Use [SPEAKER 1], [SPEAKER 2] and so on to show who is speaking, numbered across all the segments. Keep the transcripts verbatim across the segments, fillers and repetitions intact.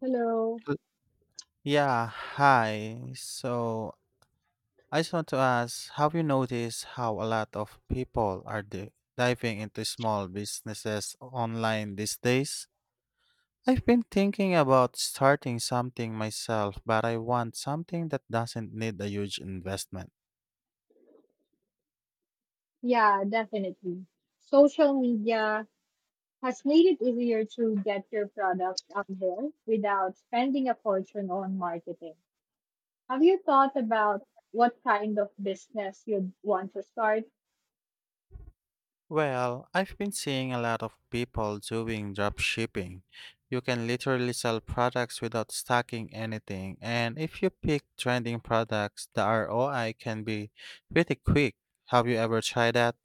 [SPEAKER 1] Hello.
[SPEAKER 2] L- Yeah, hi. So I just want to ask, have you noticed how a lot of people are di- diving into small businesses online these days? I've been thinking about starting something myself, but I want something that doesn't need a huge investment.
[SPEAKER 1] Yeah, definitely. Social media has made it easier to get your product out there without spending a fortune on marketing. Have you thought about what kind of business you'd want to start?
[SPEAKER 2] Well, I've been seeing a lot of people doing drop shipping. You can literally sell products without stocking anything, and if you pick trending products, the R O I can be pretty quick. Have you ever tried that?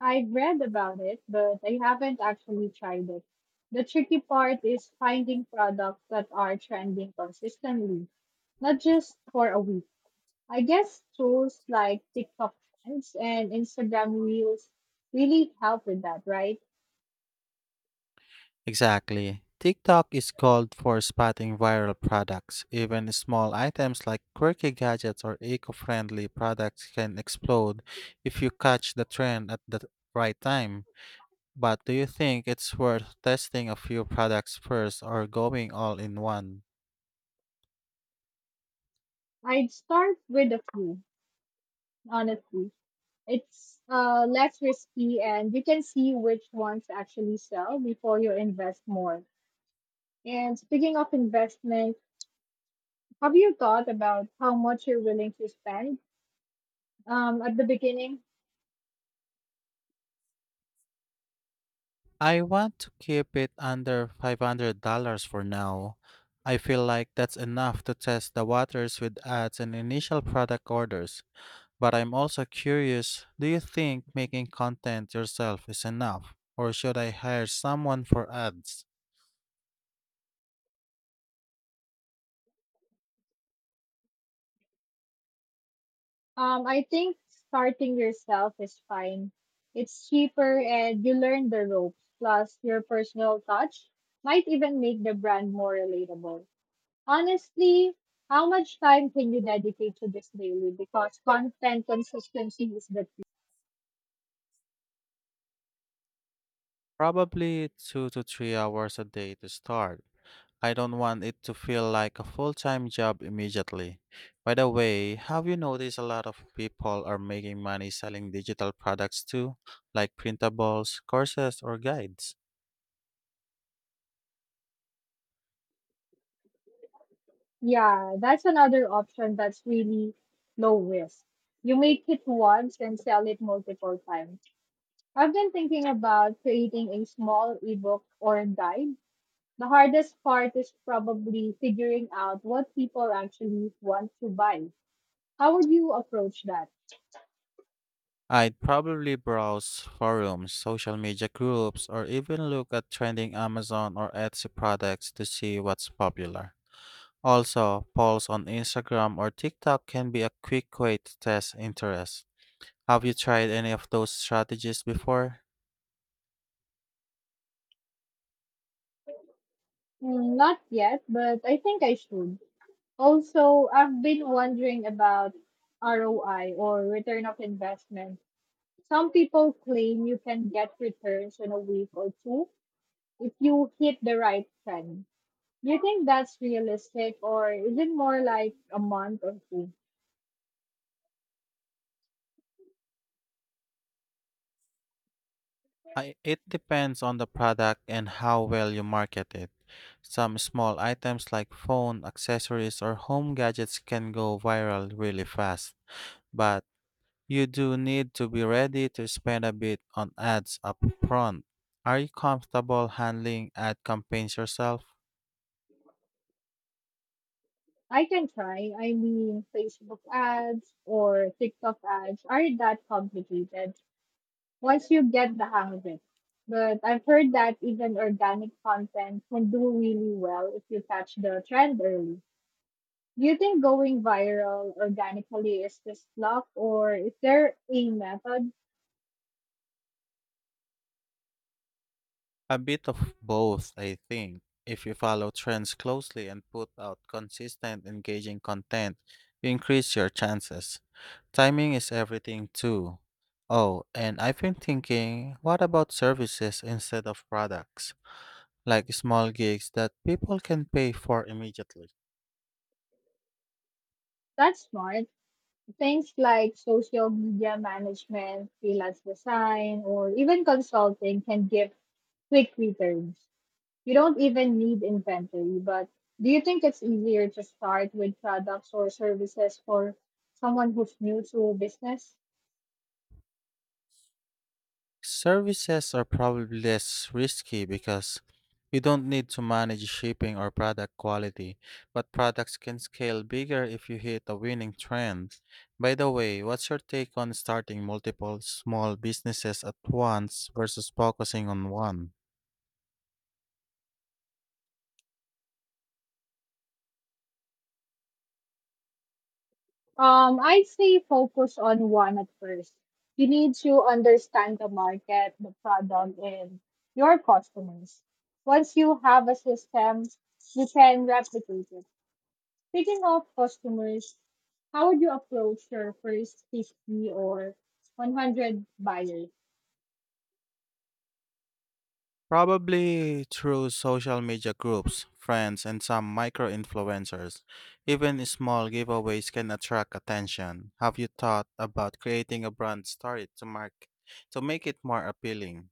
[SPEAKER 1] I've read about it, but I haven't actually tried it. The tricky part is finding products that are trending consistently, not just for a week. I guess tools like TikTok trends and Instagram reels really help with that, right?
[SPEAKER 2] Exactly. TikTok is called for spotting viral products. Even small items like quirky gadgets or eco-friendly products can explode if you catch the trend at the right time. But do you think it's worth testing a few products first or going all in one?
[SPEAKER 1] I'd start with a few, honestly. It's uh, less risky and you can see which ones actually sell before you invest more. And speaking of investment, have you thought about how much you're willing to spend um, at the beginning?
[SPEAKER 2] I want to keep it under five hundred dollars for now. I feel like that's enough to test the waters with ads and initial product orders. But I'm also curious, do you think making content yourself is enough? Or should I hire someone for ads?
[SPEAKER 1] Um, I think starting yourself is fine. It's cheaper and you learn the ropes. Plus, your personal touch might even make the brand more relatable. Honestly, how much time can you dedicate to this daily? Because content consistency is the key.
[SPEAKER 2] Probably two to three hours a day to start. I don't want it to feel like a full time job immediately. By the way, have you noticed a lot of people are making money selling digital products too, like printables, courses, or guides?
[SPEAKER 1] Yeah, that's another option that's really low risk. You make it once and sell it multiple times. I've been thinking about creating a small ebook or guide. The hardest part is probably figuring out what people actually want to buy. How would you approach that?
[SPEAKER 2] I'd probably browse forums, social media groups, or even look at trending Amazon or Etsy products to see what's popular. Also, polls on Instagram or TikTok can be a quick way to test interest. Have you tried any of those strategies before?
[SPEAKER 1] Mm, not yet, but I think I should. Also, I've been wondering about R O I or return of investment. Some people claim you can get returns in a week or two if you hit the right trend. Do you think that's realistic or is it more like a month or two?
[SPEAKER 2] I, it depends on the product and how well you market it. Some small items like phone, accessories, or home gadgets can go viral really fast, but you do need to be ready to spend a bit on ads up front. Are you comfortable handling ad campaigns yourself?
[SPEAKER 1] I can try. I mean, Facebook ads or TikTok ads aren't that complicated once you get the hang of it. But I've heard that even organic content can do really well if you catch the trend early. Do you think going viral organically is just luck, or is there a method
[SPEAKER 2] A bit of both, I think. If you follow trends closely and put out consistent, engaging content, you increase your chances. Timing is everything too. Oh, and I've been thinking, what about services instead of products? Like small gigs that people can pay for immediately.
[SPEAKER 1] that's smart? Things like social media management, freelance design, or even consulting can give quick returns. You don't even need inventory, but do you think it's easier to start with products or services for someone who's new to business?
[SPEAKER 2] Services are probably less risky because you don't need to manage shipping or product quality, but products can scale bigger if you hit a winning trend. By the way, what's your take on starting multiple small businesses at once versus focusing on one?
[SPEAKER 1] Um, I'd say focus on one at first. You need to understand the market, the product, and your customers. Once you have a system, you can replicate it. Speaking of customers, how would you approach your first fifty or one hundred buyers?
[SPEAKER 2] Probably through social media groups, friends, and some micro influencers. Even small giveaways can attract attention. Have you thought about creating a brand story to mark to make it more appealing?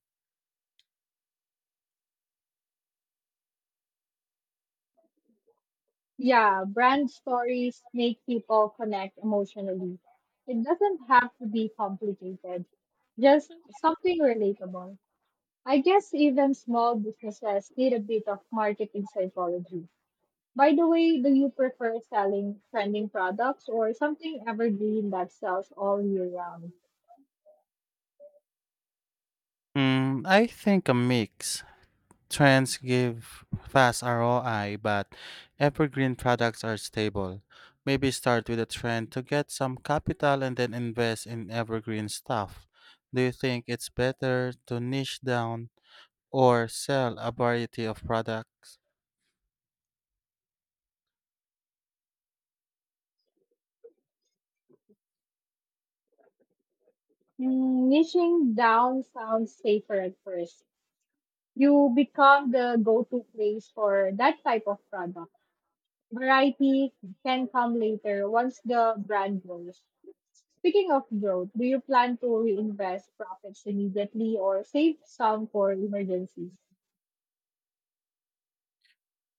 [SPEAKER 1] Yeah, brand stories make people connect emotionally. It doesn't have to be complicated, just something relatable. I guess even small businesses need a bit of marketing psychology. By the way, do you prefer selling trending products or something evergreen that sells all year round?
[SPEAKER 2] Mm, I think a mix. Trends give fast R O I, but evergreen products are stable. Maybe start with a trend to get some capital and then invest in evergreen stuff. Do you think it's better to niche down or sell a variety of products?
[SPEAKER 1] Mm, niching down sounds safer at first. You become the go to place for that type of product. Variety can come later once the brand grows. Speaking of growth, do you plan to reinvest profits immediately or save some for emergencies?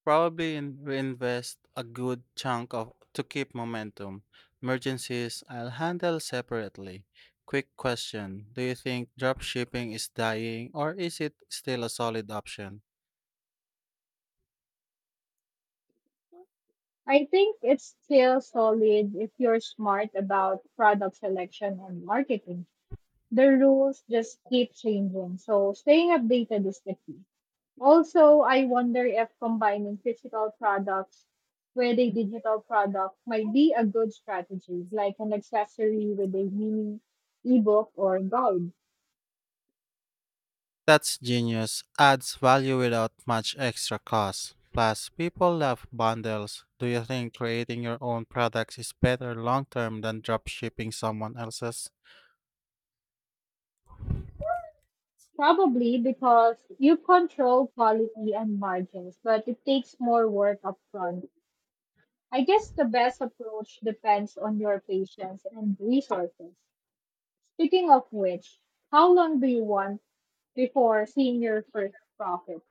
[SPEAKER 2] Probably in, reinvest a good chunk of to keep momentum. Emergencies I'll handle separately. Quick question. Do you think drop shipping is dying or is it still a solid option?
[SPEAKER 1] I think it's still solid if you're smart about product selection and marketing. The rules just keep changing, so staying updated is the key. Also, I wonder if combining physical products with a digital product might be a good strategy, like an accessory with a mini ebook or guide.
[SPEAKER 2] That's genius. Adds value without much extra cost. Plus, people love bundles. Do you think creating your own products is better long term than drop shipping someone else's?
[SPEAKER 1] Probably because you control quality and margins, but it takes more work upfront. I guess the best approach depends on your patience and resources. Speaking of which, how long do you want before seeing your first profit?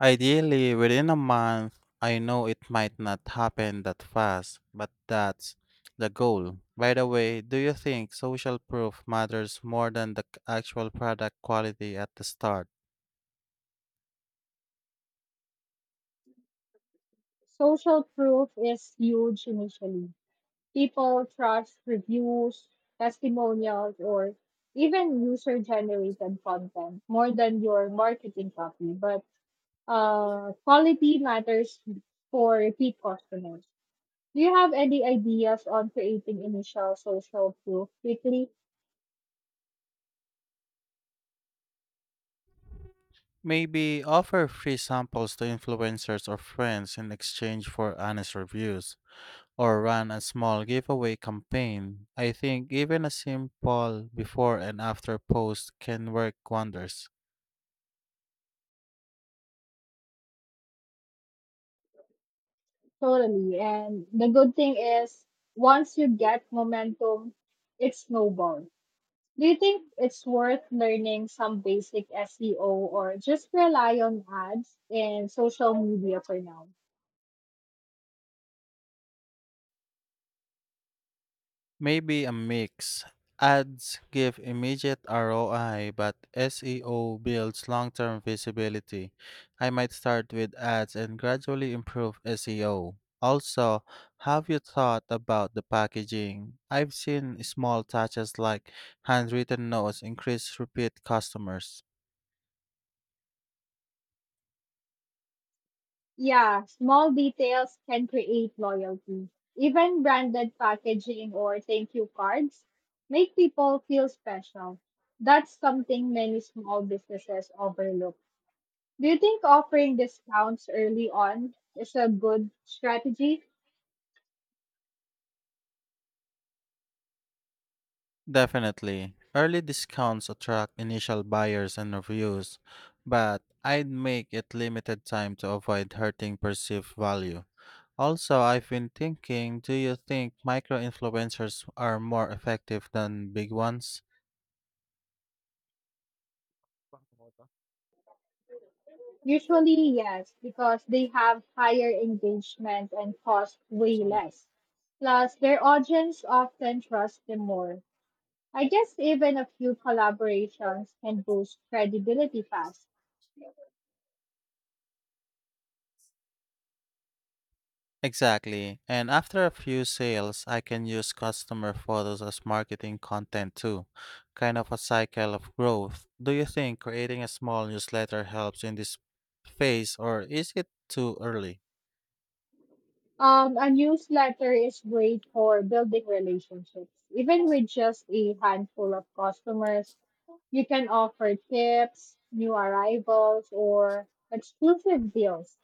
[SPEAKER 2] Ideally, within a month. I know it might not happen that fast, but that's the goal. By the way, do you think social proof matters more than the c- actual product quality at the start?
[SPEAKER 1] Social proof is huge initially. People trust reviews, testimonials, or even user generated content more than your marketing copy. But uh, quality matters for repeat customers. Do you have any ideas on creating initial social proof quickly?
[SPEAKER 2] Maybe offer free samples to influencers or friends in exchange for honest reviews, or run a small giveaway campaign. I think even a simple before and after post can work wonders.
[SPEAKER 1] Totally. And the good thing is, once you get momentum, it snowballs. Do you think it's worth learning some basic S E O or just rely on ads and social media for now?
[SPEAKER 2] Maybe a mix. Ads give immediate R O I, but S E O builds long term visibility. I might start with ads and gradually improve S E O. Also, have you thought about the packaging? I've seen small touches like handwritten notes increase repeat customers.
[SPEAKER 1] Yeah, small details can create loyalty. Even branded packaging or thank you cards make people feel special. That's something many small businesses overlook. Do you think offering discounts early on is a good strategy?
[SPEAKER 2] Definitely. Early discounts attract initial buyers and reviews, but I'd make it limited time to avoid hurting perceived value. Also, I've been thinking, do you think micro influencers are more effective than big ones?
[SPEAKER 1] Usually, yes, because they have higher engagement and cost way
[SPEAKER 2] Sana.
[SPEAKER 1] less. Plus, their audience often trust them more. I guess even a few collaborations can boost credibility fast.
[SPEAKER 2] Exactly. And after a few sales, I can use customer photos as marketing content too. Kind of a cycle of growth. Do you think creating a small newsletter helps in this phase or is it too early?
[SPEAKER 1] Um, a newsletter is great for building relationships. Even with just a handful of customers, you can offer tips, new arrivals, or exclusive deals.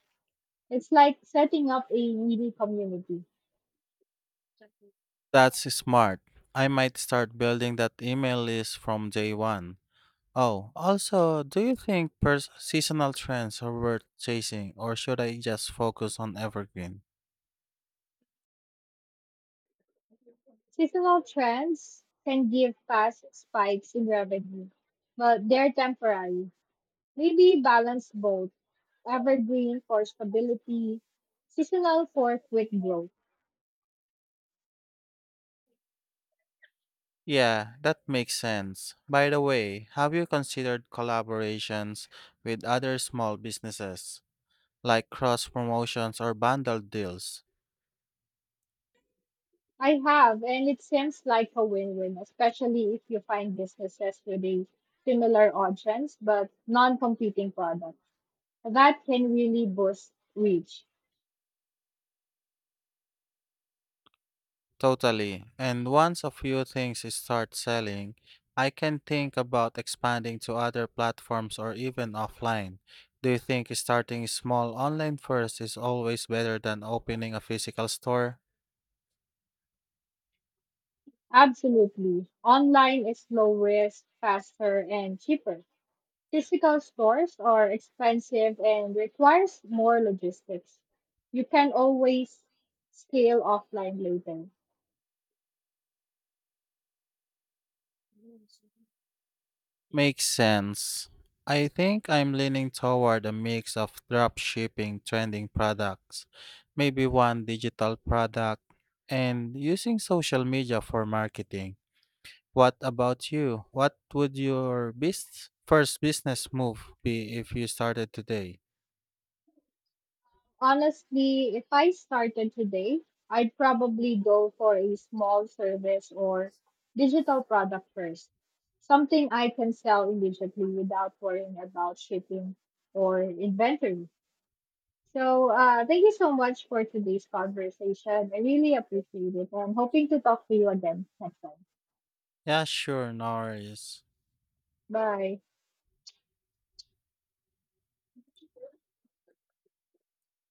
[SPEAKER 1] It's like setting up a mini community.
[SPEAKER 2] That's smart. I might start building that email list from day one. Oh, also, do you think pers- seasonal trends are worth chasing, or should I just focus on evergreen?
[SPEAKER 1] Seasonal trends can give fast spikes in revenue, but they're temporary. Maybe balance both evergreen for stability, seasonal for quick growth.
[SPEAKER 2] Yeah, that makes sense. By the way, have you considered collaborations with other small businesses, like cross promotions or bundled deals?
[SPEAKER 1] I have, and it seems like a win win, especially if you find businesses with a similar audience but non competing product. That can really boost reach.
[SPEAKER 2] Totally. And once a few things start selling, I can think about expanding to other platforms or even offline. Do you think starting small online first is always better than opening a physical store?
[SPEAKER 1] Absolutely. Online is low risk, faster, and cheaper. Physical stores are expensive and requires more logistics. You can always scale offline later.
[SPEAKER 2] Makes sense. I think I'm leaning toward a mix of drop shipping trending products, maybe one digital product, and using social media for marketing. What about you? What would your bus- first business move be if you started today?
[SPEAKER 1] Honestly, if I started today, I'd probably go for a small service or digital product first. Something I can sell immediately without worrying about shipping or inventory. So, uh, thank you so much for today's conversation. I really appreciate it. I'm hoping to talk to you again next time.
[SPEAKER 2] Yeah, sure, no worries.
[SPEAKER 1] Bye.